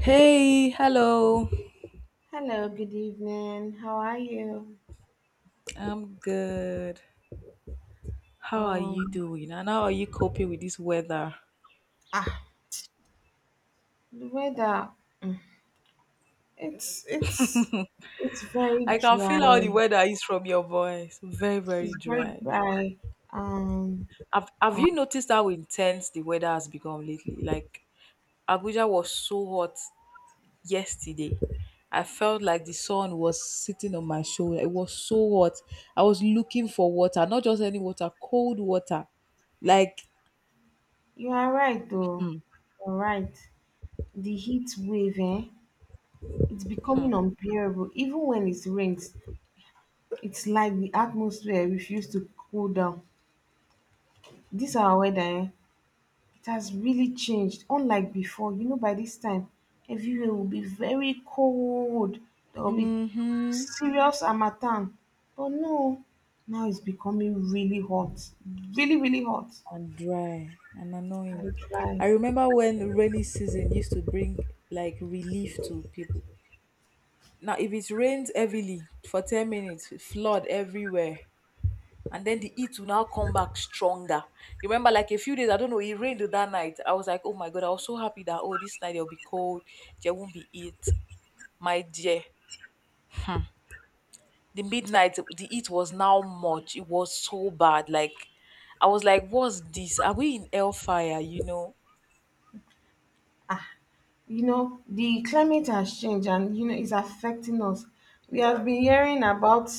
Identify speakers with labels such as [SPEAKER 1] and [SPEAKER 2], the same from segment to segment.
[SPEAKER 1] Hey, hello.
[SPEAKER 2] Hello, good evening. How are you?
[SPEAKER 1] I'm good. How are you
[SPEAKER 2] Um,
[SPEAKER 1] doing? And how are you coping with this weather?
[SPEAKER 2] ah, the weather, mm, it's it's very
[SPEAKER 1] I can
[SPEAKER 2] dry.
[SPEAKER 1] feel how the weather is from your voice. Very,
[SPEAKER 2] It's
[SPEAKER 1] very
[SPEAKER 2] very
[SPEAKER 1] dry.
[SPEAKER 2] dry. Um,
[SPEAKER 1] Have
[SPEAKER 2] uh,
[SPEAKER 1] you noticed how intense the weather has become lately? Like Abuja was so hot yesterday. I felt like the sun was sitting on my shoulder. It was so hot. I was looking for water, not just any water, cold water. Like,
[SPEAKER 2] you are right though.
[SPEAKER 1] hmm.
[SPEAKER 2] You're right. The heat wave, eh? It's
[SPEAKER 1] Hmm.
[SPEAKER 2] becoming unbearable. Even when it rains, it's like the atmosphere refuses to cool down. This our weather, eh? It has really changed. Unlike before, you know, by this time, everywhere will be very cold. There will be
[SPEAKER 1] Mm-hmm.
[SPEAKER 2] serious harmattan. But no, now it's becoming really hot, really, really hot
[SPEAKER 1] And dry and annoying.
[SPEAKER 2] and dry.
[SPEAKER 1] I remember when the rainy season used to bring like relief to people. Now, if it rains heavily for 10 minutes, it flood everywhere, and then the heat will now come back stronger. You remember, like a few days, I don't know, it rained that night. I was like, oh my God, I was so happy that, oh, this night it'll be cold, there won't be heat. My dear, the midnight, the heat was now much. It was so bad. Like, I was like, what's this? Are we in hellfire, you know?
[SPEAKER 2] You know, the climate has changed and, you know, it's affecting us. We have been hearing about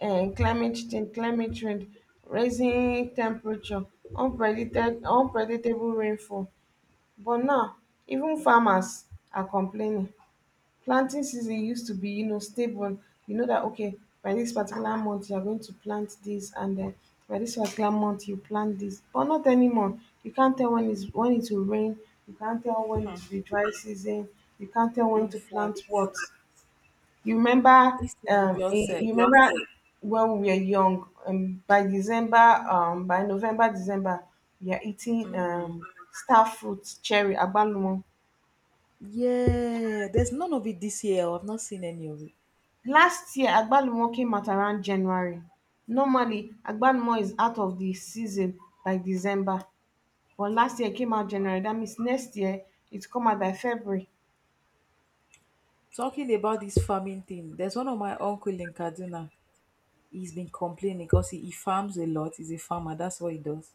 [SPEAKER 2] climate change, climate trend, raising temperature, unpredictable rainfall. But now even farmers are complaining. Planting season used to be, you know, stable. You know that okay, by this particular month you are going to plant this, and then by this particular month you plant this. But not anymore. You can't tell when it will rain, you can't tell when
[SPEAKER 1] Hmm.
[SPEAKER 2] it will be dry season, you can't tell when
[SPEAKER 1] In
[SPEAKER 2] to plant
[SPEAKER 1] fact,
[SPEAKER 2] what. You remember,
[SPEAKER 1] this thing you just said.
[SPEAKER 2] you remember when we were young, by December, by November, December, we are eating star fruit, cherry, agbalumo.
[SPEAKER 1] Yeah, there's none of it this year. I've not seen any of it.
[SPEAKER 2] Last year agbalumo came out around January. Normally agbalumo is out of the season by December, but last year it came out January. That means next year it's come out by February.
[SPEAKER 1] Talking about this farming thing, there's one of my uncle in Kaduna. He's been complaining because he farms a lot. He's a farmer. That's what he does.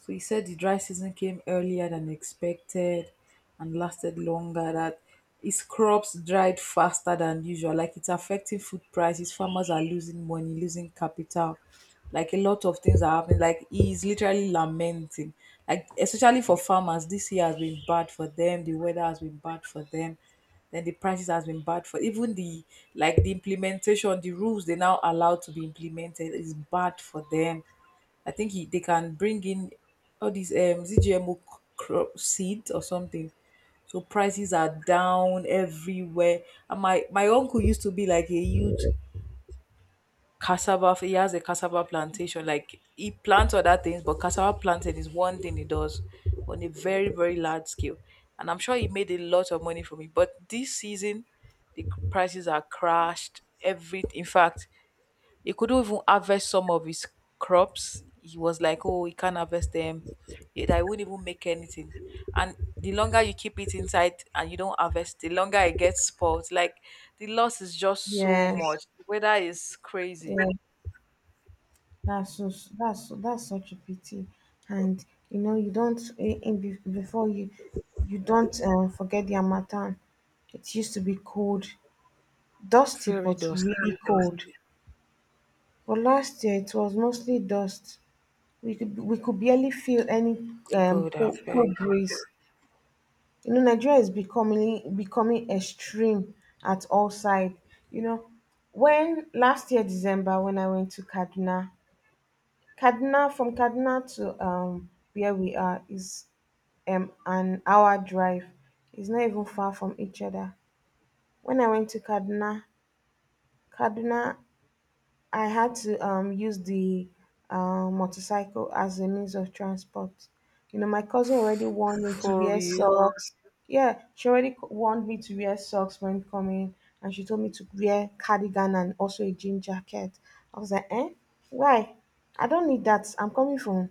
[SPEAKER 1] So he said the dry season came earlier than expected and lasted longer. That his crops dried faster than usual. Like it's affecting food prices. Farmers are losing money, losing capital. Like a lot of things are happening. Like he's literally lamenting. Like especially for farmers, this year has been bad for them. The weather has been bad for them. Then the prices has been bad for even the like the implementation, the rules they now allow to be implemented is bad for them. I think they can bring in all these is it GMO crop seeds or something. So prices are down everywhere. And my uncle used to be like a huge cassava. He has a cassava plantation. Like he plants other things, but cassava planting is one thing he does on a very very large scale. And I'm sure he made a lot of money from it. But this season, the prices are crashed. Every In fact, he couldn't even harvest some of his crops. He was like, "Oh, he can't harvest them. I wouldn't even make anything." And the longer you keep it inside and you don't harvest, the longer it gets spoiled. Like the loss is just so
[SPEAKER 2] Yes,
[SPEAKER 1] much. The weather is crazy,
[SPEAKER 2] yeah, that's so that's such a pity. And you know, you don't before you, you don't, forget the harmattan, it used to be cold, dusty
[SPEAKER 1] very
[SPEAKER 2] but really
[SPEAKER 1] dusty.
[SPEAKER 2] cold. But last year it was mostly dust. We could barely feel any,
[SPEAKER 1] God, I
[SPEAKER 2] cold, cool
[SPEAKER 1] beg.
[SPEAKER 2] breeze. You know, Nigeria is becoming extreme at all sides. You know, when last year December when I went to Kaduna, from Kaduna to where we are is an hour drive. It's not even far from each other. When I went to Kaduna, Kaduna I had to use the motorcycle as a means of transport. You know, my cousin already
[SPEAKER 1] F-
[SPEAKER 2] warned me to
[SPEAKER 1] for
[SPEAKER 2] wear
[SPEAKER 1] real.
[SPEAKER 2] socks. Yeah, she already warned me to wear socks when coming, and she told me to wear cardigan and also a jean jacket. I was like, eh, why? I don't need that. I'm coming from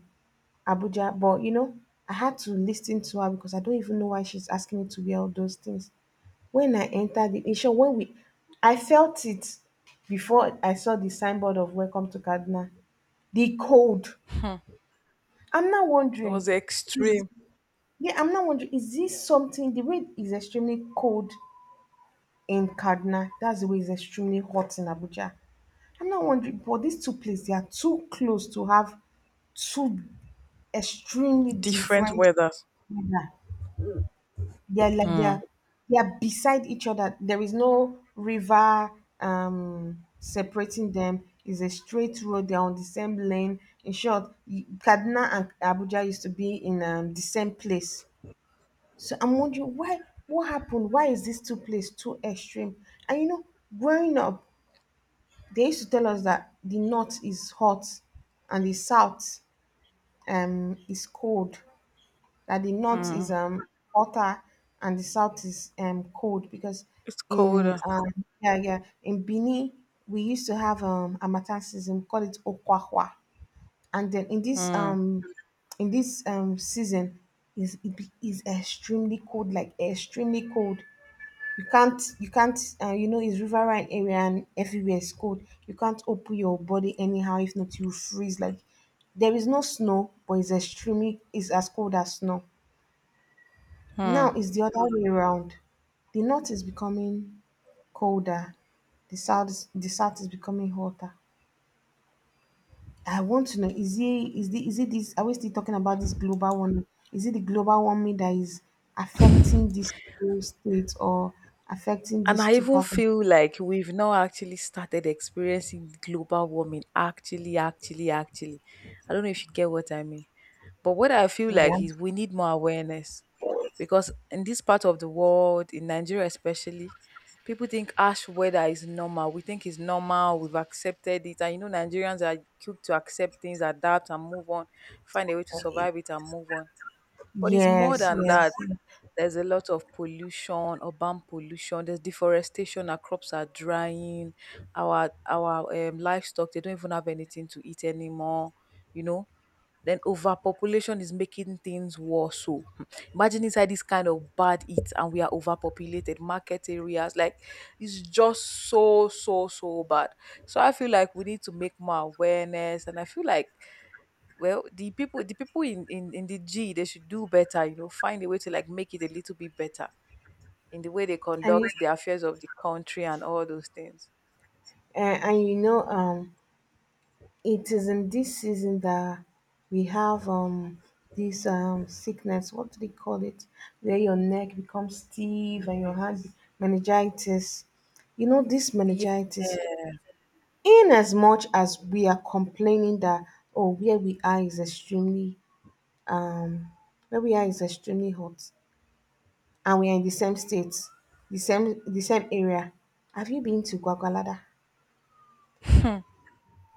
[SPEAKER 2] Abuja, but you know, I had to listen to her because I don't even know why she's asking me to wear all those things. When I entered the, in short, when we, I felt it before I saw the signboard of welcome to Kaduna. The cold. I'm now
[SPEAKER 1] It was
[SPEAKER 2] wondering, is
[SPEAKER 1] extreme,
[SPEAKER 2] yeah, I'm now wondering, is this something, the way is extremely cold in Kaduna, that's the way it's extremely hot in Abuja. I'm not wondering, but these two places, they are too close to have two extremely
[SPEAKER 1] different
[SPEAKER 2] different
[SPEAKER 1] weather.
[SPEAKER 2] weather. They're like they're beside each other, there is no river separating them. It's a straight road, they're on the same lane. In short, Kaduna and Abuja used to be in, the same place. So I'm wondering why, what happened, why is this two place too extreme. And you know, growing up, they used to tell us that the north is hot and the south is cold, that the north is
[SPEAKER 1] Mm.
[SPEAKER 2] hotter and the south is cold because
[SPEAKER 1] It's
[SPEAKER 2] in
[SPEAKER 1] colder.
[SPEAKER 2] yeah, yeah, in Benin we used to have harmattan season, we call it okwakwa. And then
[SPEAKER 1] Mm.
[SPEAKER 2] in this season is it is extremely cold, like extremely cold. You can't you know, it's riverine area and everywhere is cold. You can't open your body anyhow, if not you freeze. Like there is no snow, but it's extremely, it's as cold as snow.
[SPEAKER 1] Mm.
[SPEAKER 2] Now it's the other way around. The north is becoming colder, the south the south is becoming hotter. I want to know, is it, is the, is it this, are we still talking about this global warming? Is it the global warming that is affecting these two states, or affecting
[SPEAKER 1] And
[SPEAKER 2] these
[SPEAKER 1] I
[SPEAKER 2] two
[SPEAKER 1] even
[SPEAKER 2] parts of,
[SPEAKER 1] feel like we've now actually started experiencing global warming. Actually, actually, actually. I don't know if you get what I mean. But what I feel like is we need more awareness because in this part of the world, in Nigeria especially, people think ash weather is normal. We think it's normal. We've accepted it. And you know, Nigerians are quick to accept things, adapt, and move on, find a way to
[SPEAKER 2] yeah.
[SPEAKER 1] survive it and move on. But it's more
[SPEAKER 2] Yes,
[SPEAKER 1] than
[SPEAKER 2] yes.
[SPEAKER 1] that. There's a lot of pollution, urban pollution. There's deforestation. Our crops are drying. Our livestock they don't even have anything to eat anymore. You know. Then overpopulation is making things worse. So imagine inside this kind of bad heat and we are overpopulated market areas. Like it's just so so so bad. So I feel like we need to make more awareness, and I feel like well the people in the g they should do better you know find a way to like make it a little bit better in the way they
[SPEAKER 2] And you,
[SPEAKER 1] conduct the affairs of the country and all those things.
[SPEAKER 2] and you know, it is in this season that we have this sickness. What do they call it? Where your neck becomes stiff and your hand, meningitis. You know this
[SPEAKER 1] Yeah.
[SPEAKER 2] meningitis. In as much as we are complaining that oh, where we are is extremely, um where we are is extremely hot, and we are in the same state, the same area. Have you been to Gwagwalada?
[SPEAKER 1] Hmm.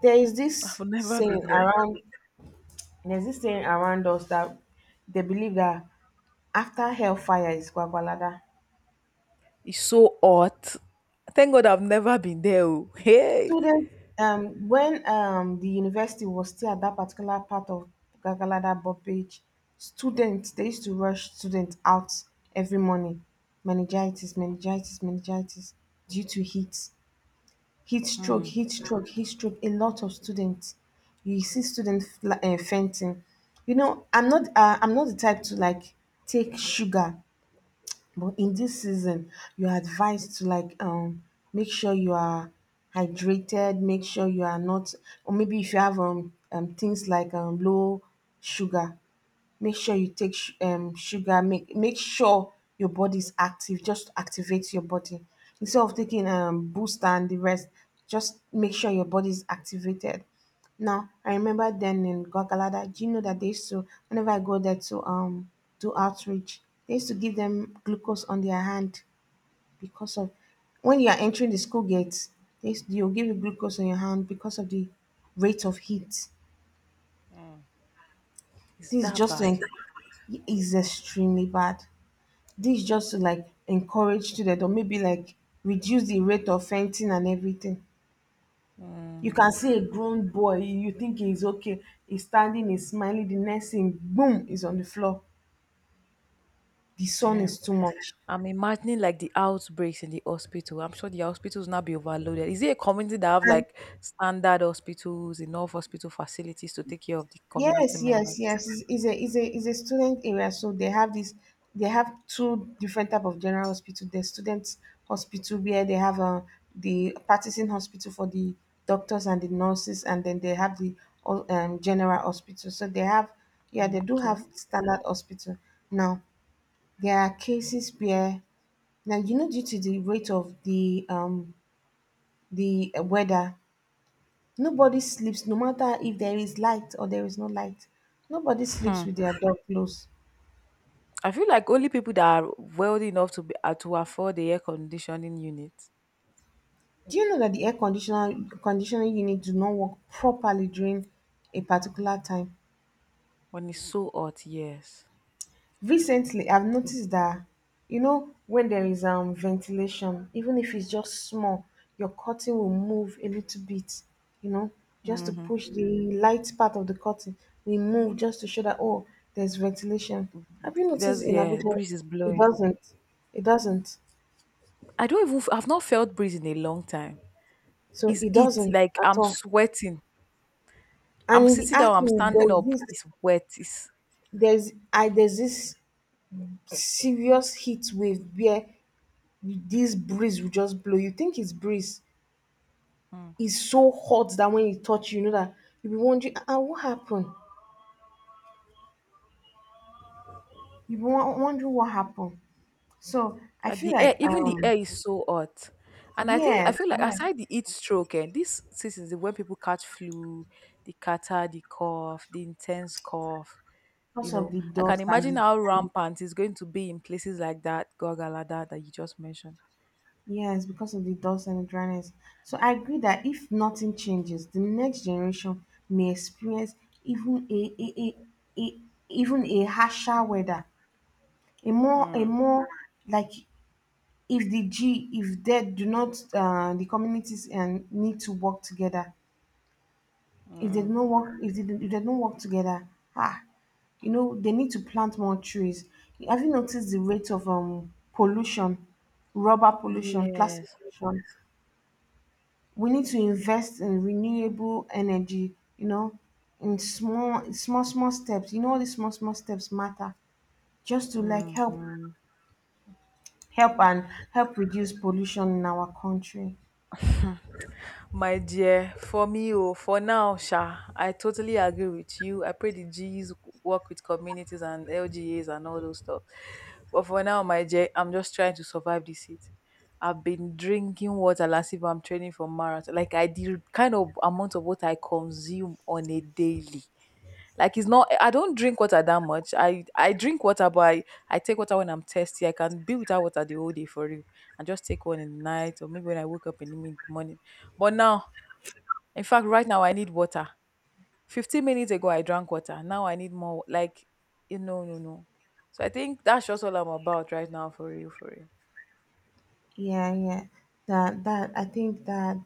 [SPEAKER 2] There is this
[SPEAKER 1] I've never
[SPEAKER 2] saying
[SPEAKER 1] been there.
[SPEAKER 2] around There's this saying around us that they believe that after hellfire is Kwagwalada.
[SPEAKER 1] It's so hot. Thank God I've never been there. Oh, hey.
[SPEAKER 2] Students, when, the university was still at that particular part of Kwagwalada Bobage, students, they used to rush students out every morning. Meningitis, meningitis, meningitis due to heat. Heat stroke,
[SPEAKER 1] Hmm.
[SPEAKER 2] heat stroke, heat stroke. A lot of students. You see students fainting. You know, I'm not the type to like take sugar. But in this season, you're advised to like make sure you are hydrated, make sure you are not, or maybe if you have things like low sugar, make sure you take sugar. Make sure your body is active, just activate your body instead of taking booster and the rest. Just make sure your body is activated. Now I remember then in Gwagalada, do you know that they used to, whenever I go there to do outreach, they used to give them glucose on their hand because of, when you are entering the school gates, you'll give you glucose on your hand because of the rate of heat.
[SPEAKER 1] It's
[SPEAKER 2] This is
[SPEAKER 1] that
[SPEAKER 2] just to
[SPEAKER 1] bad.
[SPEAKER 2] en- Is extremely bad. This just to like encourage students or maybe like reduce the rate of fainting and everything. You
[SPEAKER 1] Mhm.
[SPEAKER 2] can see a grown boy, you think he's okay, he's standing, he's smiling, the next thing, boom, is on the floor. The sun
[SPEAKER 1] Damn.
[SPEAKER 2] is too much.
[SPEAKER 1] I'm imagining like the outbreaks in the hospital. I'm sure the hospitals now be overloaded. Is it a community that have
[SPEAKER 2] And
[SPEAKER 1] like standard hospitals, enough hospital facilities to take care of the community
[SPEAKER 2] yes, yes,
[SPEAKER 1] members?
[SPEAKER 2] yes. It's a is a student area, so they have this. They have two different type of general hospital. The students hospital where they have the practicing hospital for the doctors and the nurses, and then they have the, general hospital. So they have, yeah, they
[SPEAKER 1] Mm,
[SPEAKER 2] do have
[SPEAKER 1] okay.
[SPEAKER 2] standard hospital. Now there are cases where now, you know, due to the rate of the weather, nobody sleeps, no matter if there is light or there is no light. Nobody sleeps with their door closed.
[SPEAKER 1] I feel like only people that are wealthy enough to be to afford the air conditioning unit
[SPEAKER 2] Do you know that the air conditioner conditioning unit do not work properly during a particular time?
[SPEAKER 1] when it's so hot. Yes.
[SPEAKER 2] Recently, I've noticed that, you know, when there is ventilation, even if it's just small, your curtain will move a little bit, you know, just to
[SPEAKER 1] Mm-hmm.
[SPEAKER 2] push the light part of the curtain. We move just to show that oh, there's ventilation. Have you noticed
[SPEAKER 1] There's
[SPEAKER 2] in
[SPEAKER 1] yeah,
[SPEAKER 2] Abuja
[SPEAKER 1] breeze is
[SPEAKER 2] it
[SPEAKER 1] blowing.
[SPEAKER 2] doesn't? It doesn't.
[SPEAKER 1] I don't even. I've not felt breeze in a long time.
[SPEAKER 2] So
[SPEAKER 1] It's
[SPEAKER 2] it
[SPEAKER 1] it
[SPEAKER 2] doesn't
[SPEAKER 1] like
[SPEAKER 2] at
[SPEAKER 1] I'm
[SPEAKER 2] all.
[SPEAKER 1] sweating.
[SPEAKER 2] And
[SPEAKER 1] I'm
[SPEAKER 2] in the
[SPEAKER 1] sitting down. I'm
[SPEAKER 2] acting,
[SPEAKER 1] standing
[SPEAKER 2] there's
[SPEAKER 1] up.
[SPEAKER 2] this,
[SPEAKER 1] It's wet. It's
[SPEAKER 2] there's this serious heat wave where this breeze will just blow. You think it's breeze. It's so hot that when it touch you, you know that you be wondering, ah, ah, what happened? You be wondering what happened. So I
[SPEAKER 1] like
[SPEAKER 2] feel
[SPEAKER 1] the air,
[SPEAKER 2] like
[SPEAKER 1] even the air is so hot. And I think I
[SPEAKER 2] yes,
[SPEAKER 1] feel like
[SPEAKER 2] yes,
[SPEAKER 1] aside the heat stroke, and this season is when people catch flu, the catarrh, the cough, the intense cough. You
[SPEAKER 2] because of
[SPEAKER 1] know,
[SPEAKER 2] the
[SPEAKER 1] I can
[SPEAKER 2] dust and
[SPEAKER 1] imagine how
[SPEAKER 2] the,
[SPEAKER 1] rampant it's going to be in places like that gorgalada that you just mentioned.
[SPEAKER 2] yes, because of the dust and the dryness. So I agree that if nothing changes, the next generation may experience even a, a, a, a even a harsher weather, a more
[SPEAKER 1] Mm,
[SPEAKER 2] like if the G, if they do not, the communities and need to work together. If they
[SPEAKER 1] mm.
[SPEAKER 2] don't work, if they don't work together, ah, you know, they need to plant more trees. Have you noticed the rate of pollution, rubber pollution, plastic
[SPEAKER 1] Yes.
[SPEAKER 2] pollution? We need to invest in renewable energy, you know, in small, small, small steps. You know, all these small, small steps matter just to like help,
[SPEAKER 1] Hmm.
[SPEAKER 2] help and help reduce pollution in our country.
[SPEAKER 1] My dear, for me, oh, for now, Sha, I totally agree with you. I pray the G's work with communities and LGAs and all those stuff. But for now, my dear, I'm just trying to survive this heat. I've been drinking water last if I'm training for marathon. Like I the kind of amount of water I consume on a daily. Like it's not I don't drink water that much. I drink water but I take water when I'm thirsty. I can be without water the whole day for real. And just take one in the night or maybe when I wake up in the mid morning. But now in fact, right now I need water. 15 minutes ago I drank water. Now I need more. Like, you know, no, no. So I think that's just all I'm about right now, for real, for real.
[SPEAKER 2] Yeah, yeah. That that I think that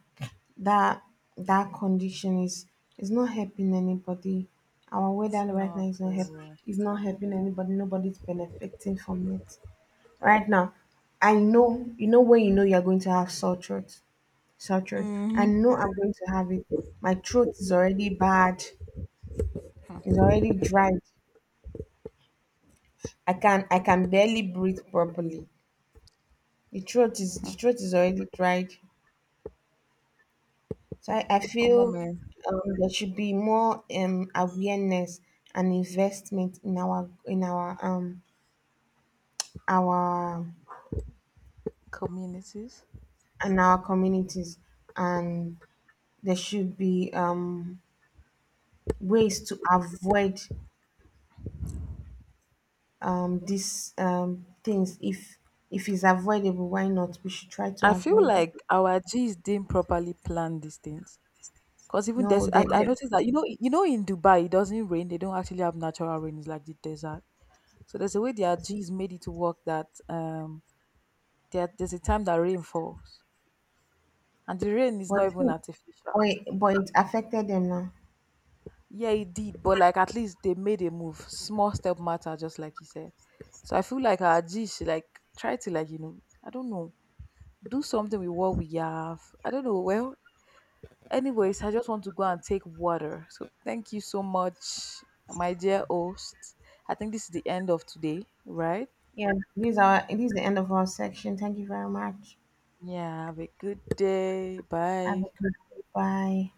[SPEAKER 2] that that condition is not helping anybody. Our weather
[SPEAKER 1] It's
[SPEAKER 2] right
[SPEAKER 1] not.
[SPEAKER 2] now is not help
[SPEAKER 1] Oh,
[SPEAKER 2] is not helping anybody. Nobody's benefiting from it. Right now I know, you know, when you know you're going to have sore throat, sore throat I
[SPEAKER 1] mm-hmm.
[SPEAKER 2] know I'm going to have it. My throat is already bad, it's already dried. I can barely breathe properly. The throat is already dried. So I feel,
[SPEAKER 1] Omo man,
[SPEAKER 2] there should be more, awareness and investment in our, our,
[SPEAKER 1] communities.
[SPEAKER 2] and our communities. And there should be ways to avoid these things. If it's avoidable, why not? We should try to
[SPEAKER 1] I feel
[SPEAKER 2] avoid it.
[SPEAKER 1] like our G's didn't properly plan these things. Cause even
[SPEAKER 2] No,
[SPEAKER 1] this, I
[SPEAKER 2] they,
[SPEAKER 1] noticed that in Dubai it doesn't rain. They don't actually have natural rain. It's like the desert. So there's a way their G's made it to work that there's a time that rain falls. And the rain is not even artificial.
[SPEAKER 2] but it affected them now.
[SPEAKER 1] Yeah, it did, but like at least they made a move. Small step matter, just like you said. So I feel like our G should like try to like, you know, I don't know, do something with what we have. I don't know. Well, anyways, I just want to go and take water. So thank you so much, my dear host. I think this is the end of today, right?
[SPEAKER 2] Yeah, these are this is the end of our section. Thank you very much.
[SPEAKER 1] Yeah, have a good day.
[SPEAKER 2] Have a
[SPEAKER 1] Bye.
[SPEAKER 2] good day. Bye.